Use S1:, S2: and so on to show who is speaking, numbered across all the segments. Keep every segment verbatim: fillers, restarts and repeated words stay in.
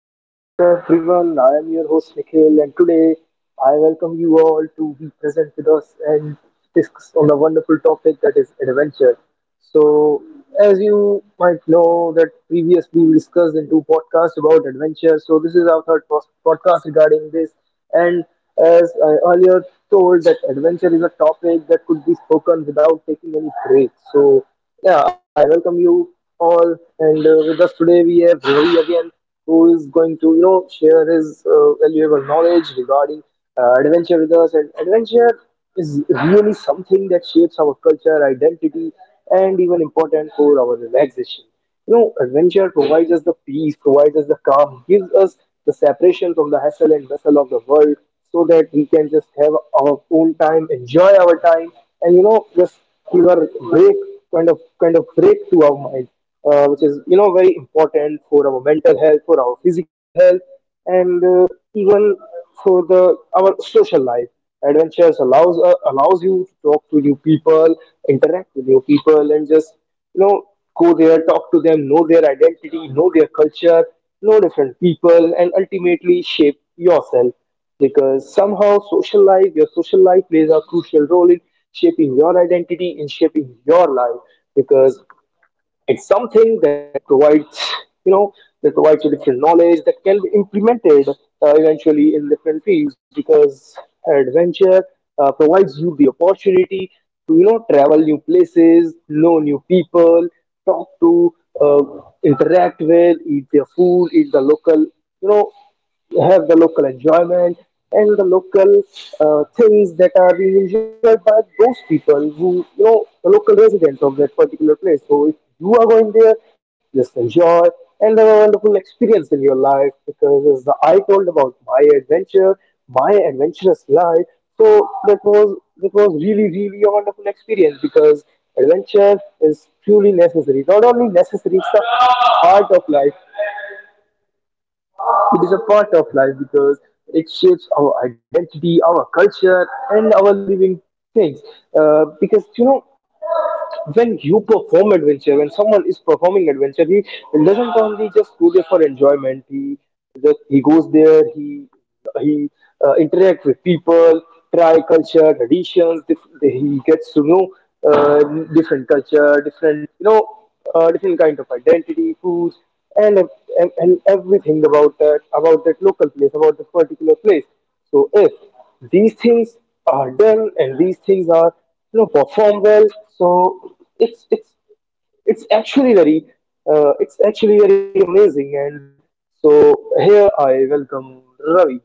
S1: Welcome back, everyone. I am your host Nikhil, and today I welcome you all to be present with us and discuss on the wonderful topic that is adventure. So, as you might know, that previously we discussed in two podcasts about adventure. So, this is our third pos- podcast regarding this. And as I earlier told, that adventure is a topic that could be spoken without taking any break. So, yeah, I welcome you all, and uh, with us today we have Ravi again, who is going to, you know, share his uh, valuable knowledge regarding uh, adventure with us. And adventure is really something that shapes our culture, identity, and even important for our relaxation. You know, adventure provides us the peace, provides us the calm, gives us the separation from the hassle and bustle of the world so that we can just have our own time, enjoy our time, and you know, just give a break, kind of kind of break to our mind, uh, which is you know very important for our mental health, for our physical health, and uh, even for the our social life. Adventures allows uh, allows you to talk to new people, interact with new people, and just you know go there, talk to them, know their identity, know their culture, know different people, and ultimately shape yourself because somehow social life your social life plays a crucial role in shaping your identity in shaping your life because it's something that provides you know that provides you different knowledge that can be implemented uh, eventually in different fields because adventure uh, provides you the opportunity to you know travel new places, know new people, talk to uh, interact with, eat their food, eat the local, you know you have the local enjoyment and the local uh, things that are being enjoyed by those people who, you know the local residents of that particular place. So if you are going there, just enjoy and have a wonderful experience in your life because as the, I told about my adventure, my adventurous life, so that was that was really really a wonderful experience because adventure is truly necessary. Not only necessary, it's the heart of life. It is a part of life because it shapes our identity, our culture, and our living things. Uh, because you know, when you perform adventure when someone is performing adventure, he doesn't only just go there for enjoyment. He just he goes there, he he uh, interacts with people, try culture traditions dif- he gets to know uh, different culture, different you know uh, different kind of identity, foods, and, and and everything about that about that local place, about that particular place. So if these things are done and these things are you know perform well, so it's it's it's actually very uh, it's actually very amazing. And so here I welcome Ravi.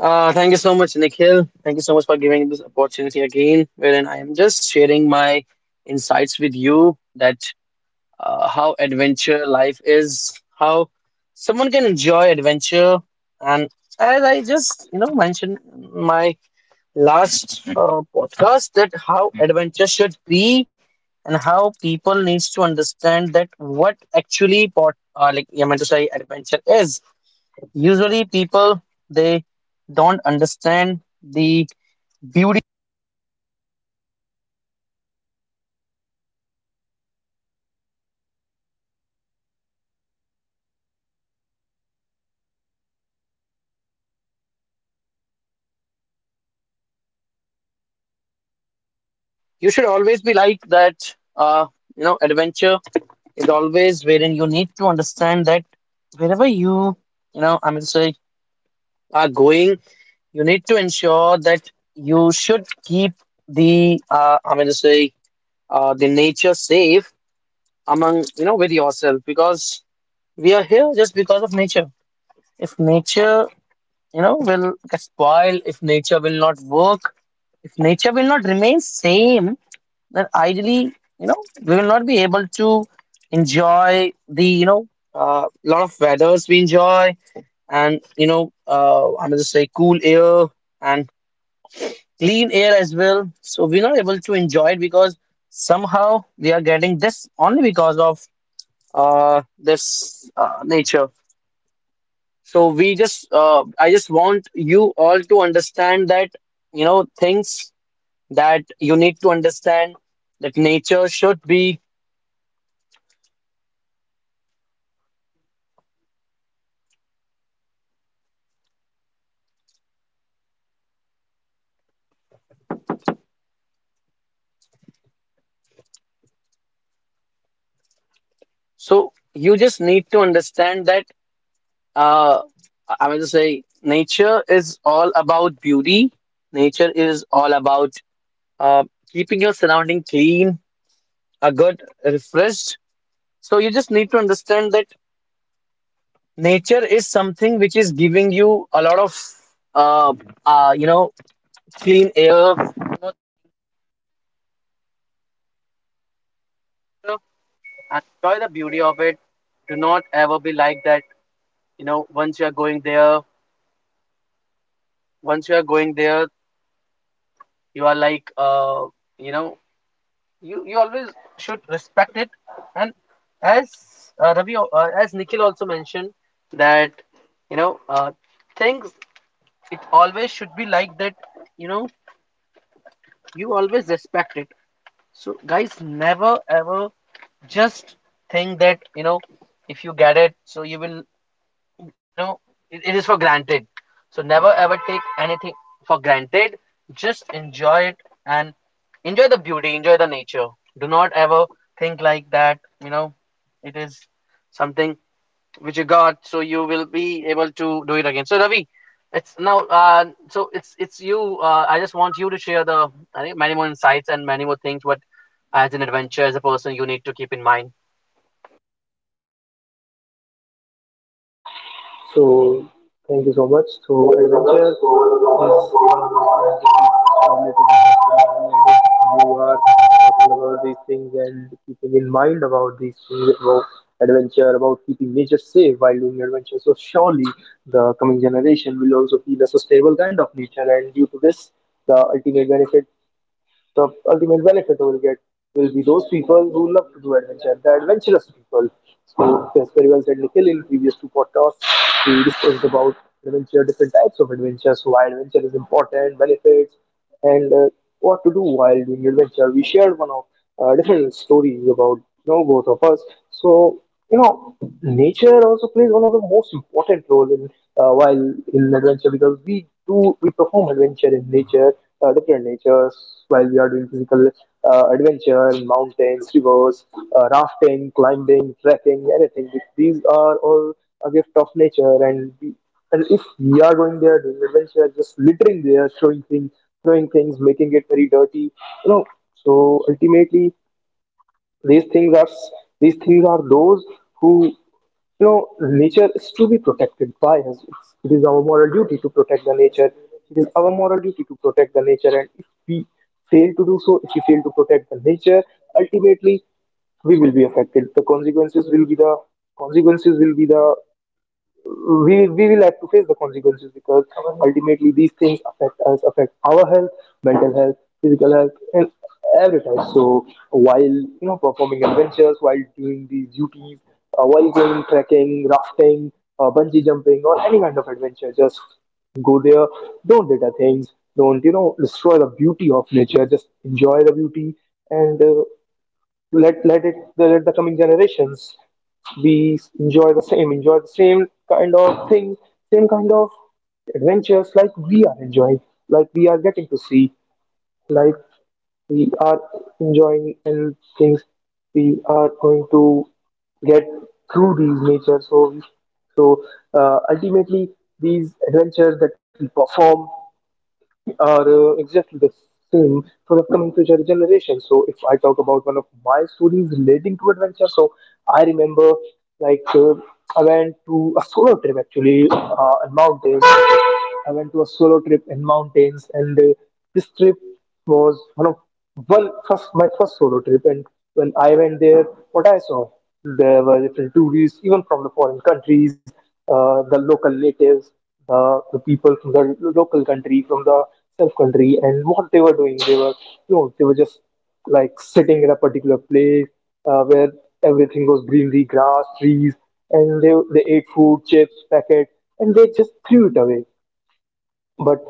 S2: Uh, thank you so much, Nikhil. Thank you so much for giving this opportunity again, wherein I am just sharing my insights with you that uh, how adventure life is, how someone can enjoy adventure. And as I just, you know, mentioned in my last uh, podcast that how adventure should be and how people needs to understand that what actually pot, uh, like I meant to say adventure is. Usually, people they don't understand the beauty. You should always be like that. Uh, you know, adventure is always wherein you need to understand that wherever you, you know, I mean, to say, are going, you need to ensure that you should keep the, uh, I mean, to say, uh, the nature safe among, you know, with yourself because we are here just because of nature. If nature, you know, will get spoiled, if nature will not work, if nature will not remain same, then ideally, you know, we will not be able to enjoy the, you know, uh, lot of weathers we enjoy, and you know, uh, I'm going to say cool air and clean air as well, so we're not able to enjoy it because somehow we are getting this only because of uh, this uh, nature. So we just uh, I just want you all to understand that, you know, things that you need to understand, that nature should be. So you just need to understand that uh I mean to say nature is all about beauty, nature is all about uh keeping your surrounding clean, a good refreshed. So you just need to understand that nature is something which is giving you a lot of uh, uh you know clean air. Enjoy the beauty of it. Do not ever be like that, you know. Once you are going there, once you are going there, you are like uh, you know you you always should respect it. And as uh, Ravi al- uh, as Nikhil also mentioned that, you know, uh, things, it always should be like that, you know. You always respect it. So guys, never ever just think that, you know, if you get it, so you will, you know, it, it is for granted. So never ever take anything for granted. Just enjoy it and enjoy the beauty, enjoy the nature. Do not ever think like that, you know. It is something which you got, so you will be able to do it again. So Ravi, it's now uh, so it's it's you uh, I just want you to share the, I think, many more insights and many more things what, as an adventure, as a person, you need to keep in mind.
S1: So thank you so much. So adventure is one of those things that you are talking about, these things, and keeping in mind about these things about adventure, about keeping nature safe while doing adventure. So surely the coming generation will also feel a sustainable kind of nature, and due to this the ultimate benefit the ultimate benefit we'll get will be those people who love to do adventure, the adventurous people. So, as very well said Nikhil, in previous two podcasts we discussed about adventure, different types of adventure, so why adventure is important, benefits, and uh, what to do while doing adventure. We shared one of uh, different stories about you know both of us. So you know, nature also plays one of the most important role in uh, while in adventure because we do we perform adventure in nature, uh, different natures, while we are doing physical uh, adventure in mountains, rivers, uh, rafting, climbing, trekking, anything. These are all a gift of nature, and we, and if we are going there doing adventure, just littering there, throwing things, throwing things, making it very dirty, you know. So ultimately, these things are s- these things are those who, you know, nature is to be protected by us. It's, it is our moral duty to protect the nature. It is our moral duty to protect the nature, and if we fail to do so, if we fail to protect the nature, ultimately we will be affected. The consequences will be the consequences will be the we we will have to face the consequences because ultimately these things affect us, affect our health, mental health, physical health, and every time. So while you know performing adventures, while doing these duties, uh, while going trekking, rafting, uh, bungee jumping, or any kind of adventure, just go there. Don't litter things. Don't you know destroy the beauty of nature. Just enjoy the beauty and. Uh, let let it let the coming generations be, enjoy the same, enjoy the same kind of thing same kind of adventures like we are enjoying, like we are getting to see, like we are enjoying, and things we are going to get through these nature. So so uh, ultimately these adventures that we perform are uh, exactly the same for the coming future generation. So if I talk about one of my stories relating to adventure, so I remember like uh, I went to a solo trip actually uh, in mountains. I went to a solo trip in mountains, and uh, this trip was one of one first my first solo trip. And when I went there, what I saw, there were different tourists even from the foreign countries, uh, the local natives, the, the people from the local country, from the self country. And what they were doing, they were you know they were just like sitting in a particular place uh, where everything was greenery, grass, trees, and they, they ate food, chips packet, and they just threw it away but.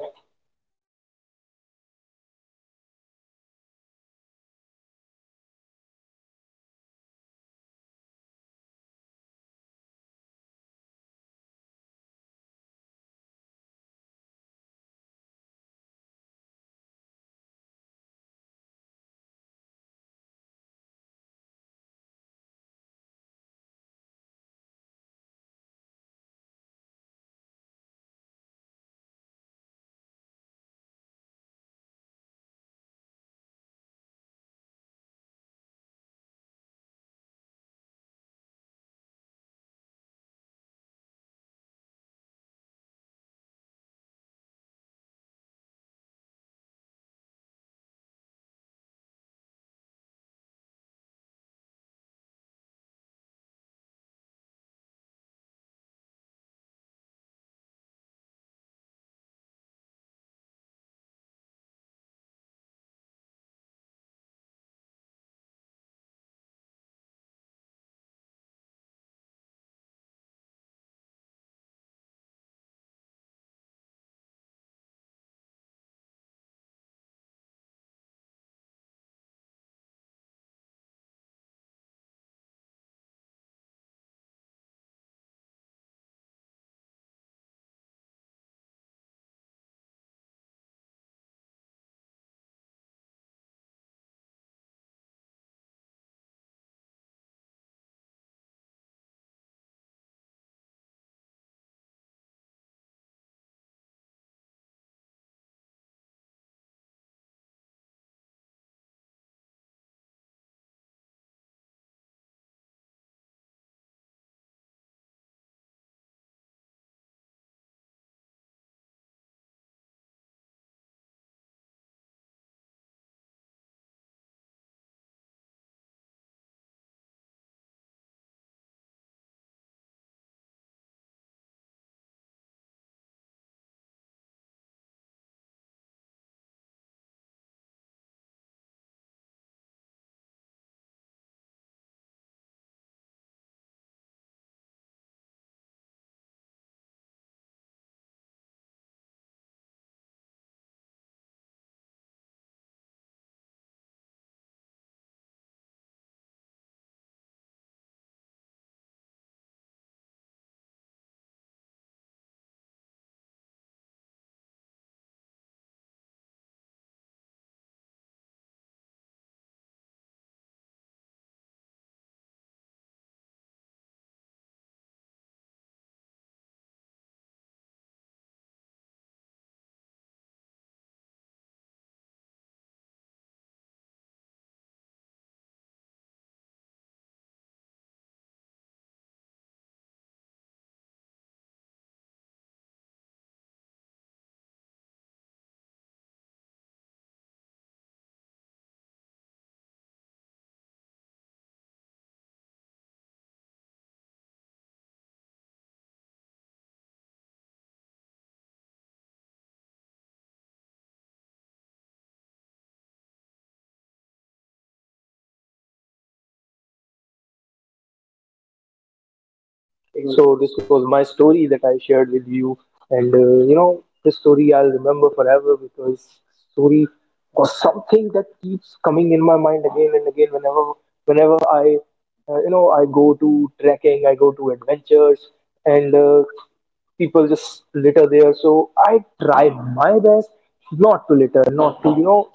S1: So this was my story that I shared with you, and uh, you know this story I'll remember forever because story was something that keeps coming in my mind again and again. Whenever whenever I uh, you know I go to trekking, I go to adventures, and uh, people just litter there, so I try my best not to litter, not to you know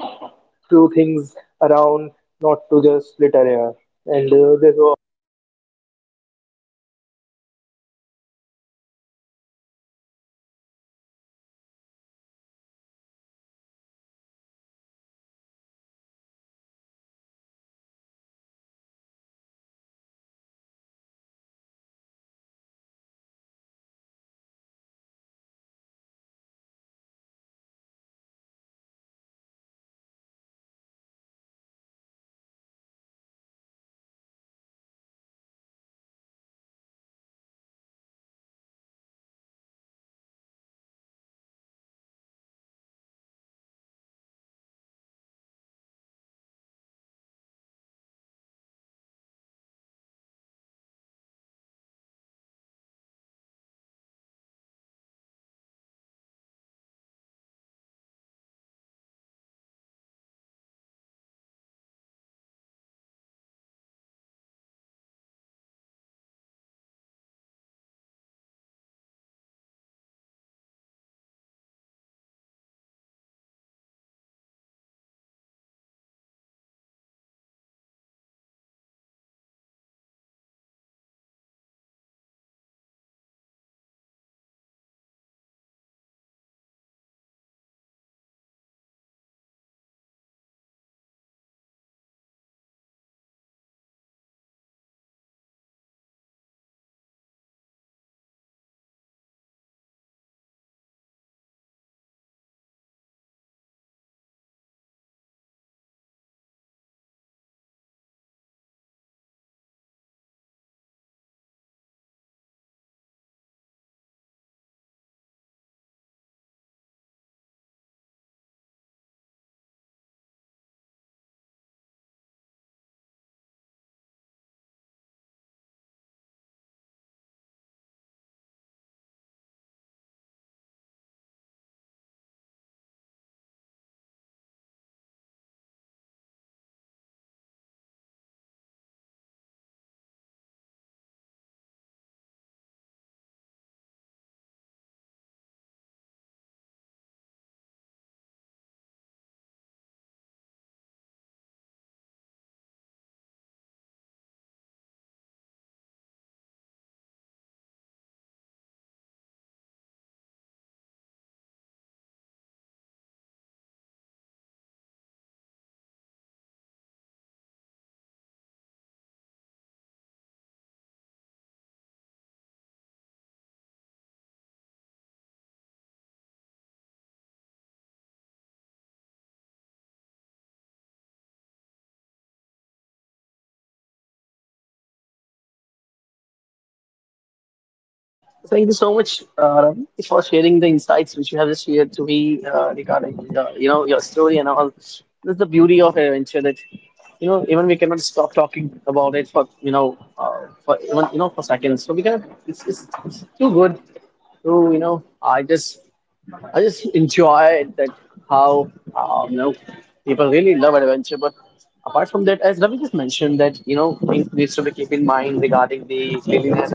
S1: throw things around, not to just litter here. And uh, this was
S2: Thank you so much, uh, Ravi, for sharing the insights which you have just shared to me uh, regarding, uh, you know, your story and all. This is the beauty of adventure that, you know, even we cannot stop talking about it for, you know, uh, for even, you know, for seconds. So we can, it's, it's it's too good to, you know, I just I just enjoy that how uh, you know, people really love adventure. But apart from that, as Ravi just mentioned, that, you know, things needs to be keep in mind regarding the cleanliness.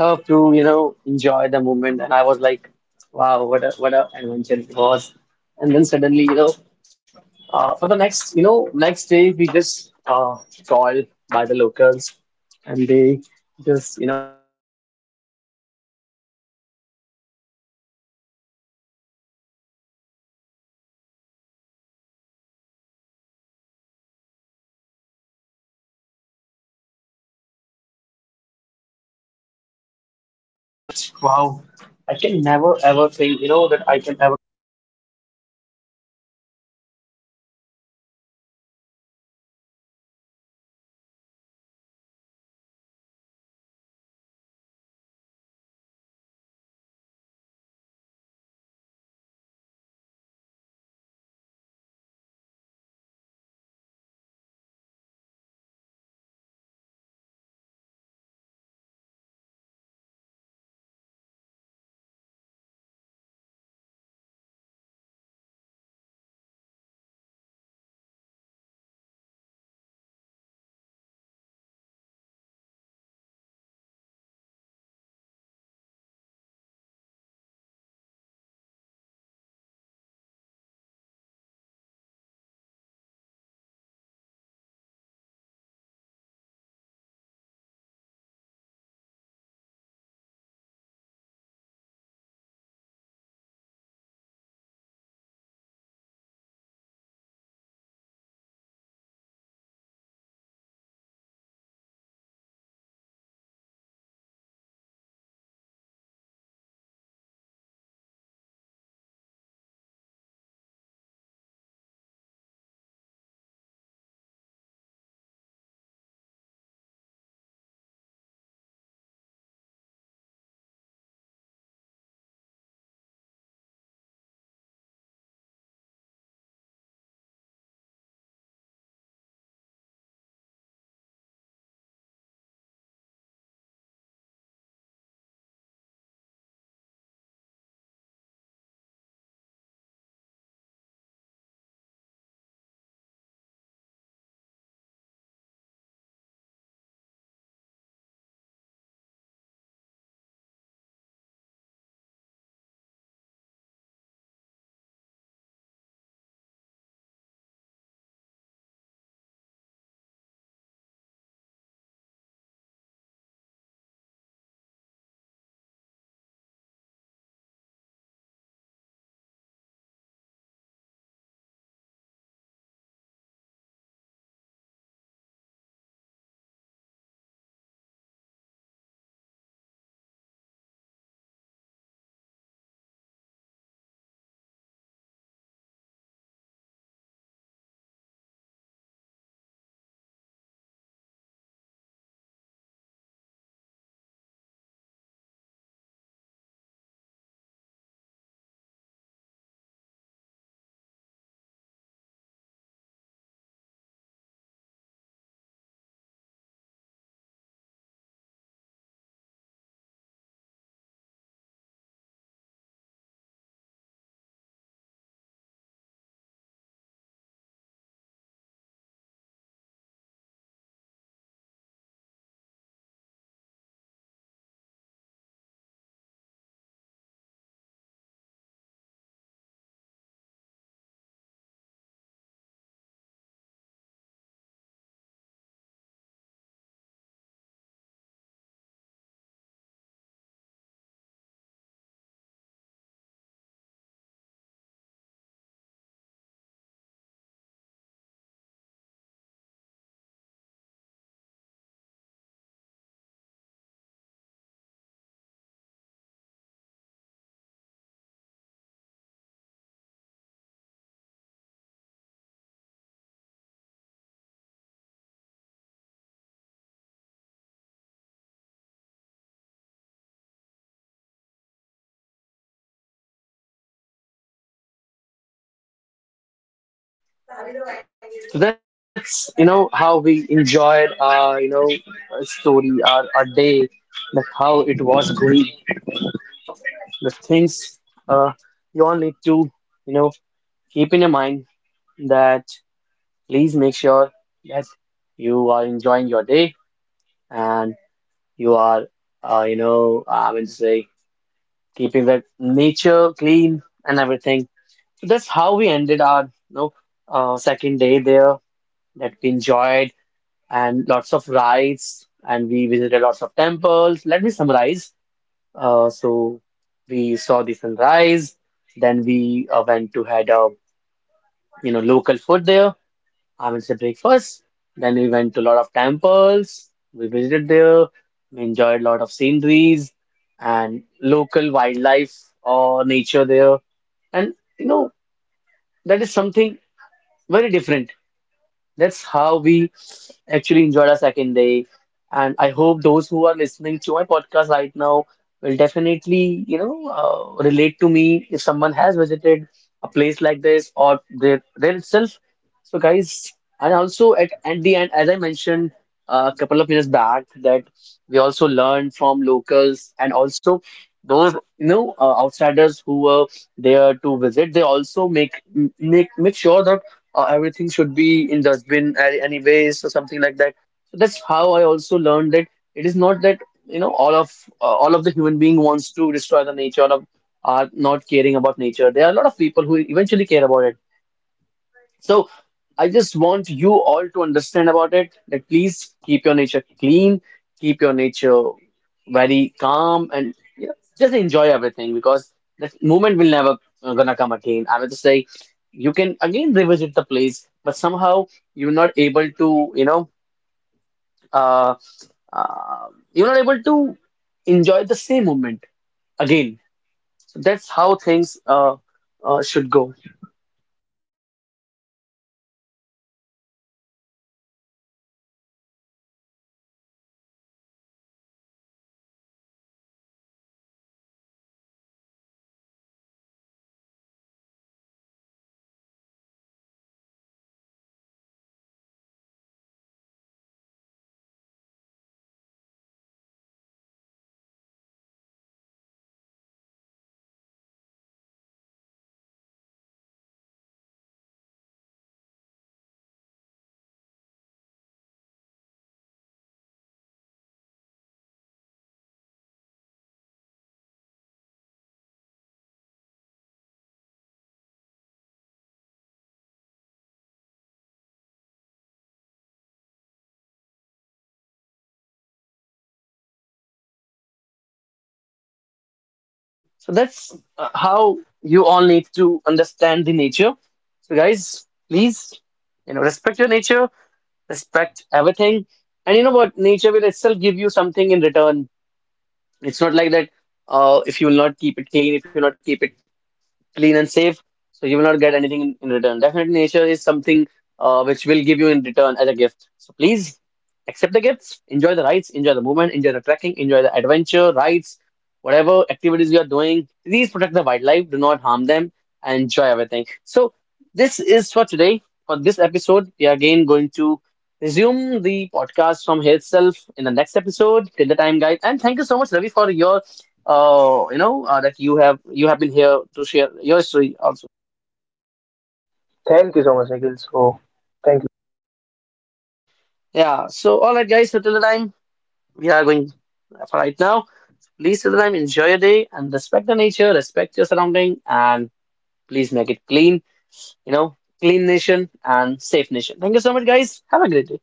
S2: Love to, you know, enjoy the moment. And I was like, wow, what a, what a adventure it was. And then suddenly, you know, uh, for the next, you know, next day, we just uh, called by the locals, and they just, you know, asked us to enjoy the scenery because, uh, you know, the sunrise is very uh, famous there. So we woke up around five, and how, you know, from the Himalayas, in between the snow and clouds, sun is rising, and that moment was lit. Wow, I can never ever think, you know, that I can ever. So that's, you know, how we enjoyed our, you know, our story, our our day, like how it was going. The things uh you all need to, you know, keep in your mind, that please make sure that you are enjoying your day and. You are, uh, you know, uh, I mean to say, keeping the nature clean and everything. So that's how we ended our, you know, uh, second day there, that we enjoyed, and lots of rides, and we visited lots of temples. Let me summarize. Uh, so we saw the sunrise, then we uh, went to, had a, you know, local food there. I will say breakfast. Then we went to a lot of temples. We visited there. We enjoyed a lot of sceneries and local wildlife or nature there. And you know, that is something very different. That's how we actually enjoyed our second day. And I hope those who are listening to my podcast right now will definitely, you know, uh, relate to me, if someone has visited a place like this, or there, there itself. So, guys, and also at, at the end, as I mentioned a couple of minutes back, that we also learned from locals, and also those, you know, uh, outsiders who were there to visit. They also make make make sure that uh, everything should be in dustbin, a- anyways, or something like that. So that's how I also learned that it is not that, you know, all of uh, all of the human being wants to destroy the nature, all of are not caring about nature. There are a lot of people who eventually care about it. So I just want you all to understand about it, that please keep your nature clean, keep your nature very calm, and you know, just enjoy everything, because that moment will never uh, gonna come again. I would just say you can again revisit the place, but somehow you're not able to, you know, uh, uh, you're not able to enjoy the same moment again. So that's how things uh, uh, should go. So that's uh, how you all need to understand the nature. So guys, please, you know, respect your nature, respect everything, and you know what? Nature will itself give you something in return. It's not like that. Uh, if you will not keep it clean, if you not keep it clean and safe, so you will not get anything in, in return. Definitely nature is something uh, which will give you in return as a gift. So please accept the gifts, enjoy the rides, enjoy the movement, enjoy the trekking, enjoy the adventure rides, whatever activities you are doing. Please protect the wildlife, do not harm them, and enjoy everything. So this is for today, for this episode. We are again going to resume the podcast from here itself in the next episode. Till the time, guys, and thank you so much, Ravi, for your uh, you know, uh, that you have, you have been here to share your story also.
S1: thank you so much, Nikhil. So thank.
S2: Yeah. So all right, guys. So till the time we are going for right now. Please, till the time, enjoy your day and respect the nature, respect your surrounding, and please make it clean. You know, clean nation and safe nation. Thank you so much, guys. Have a great day.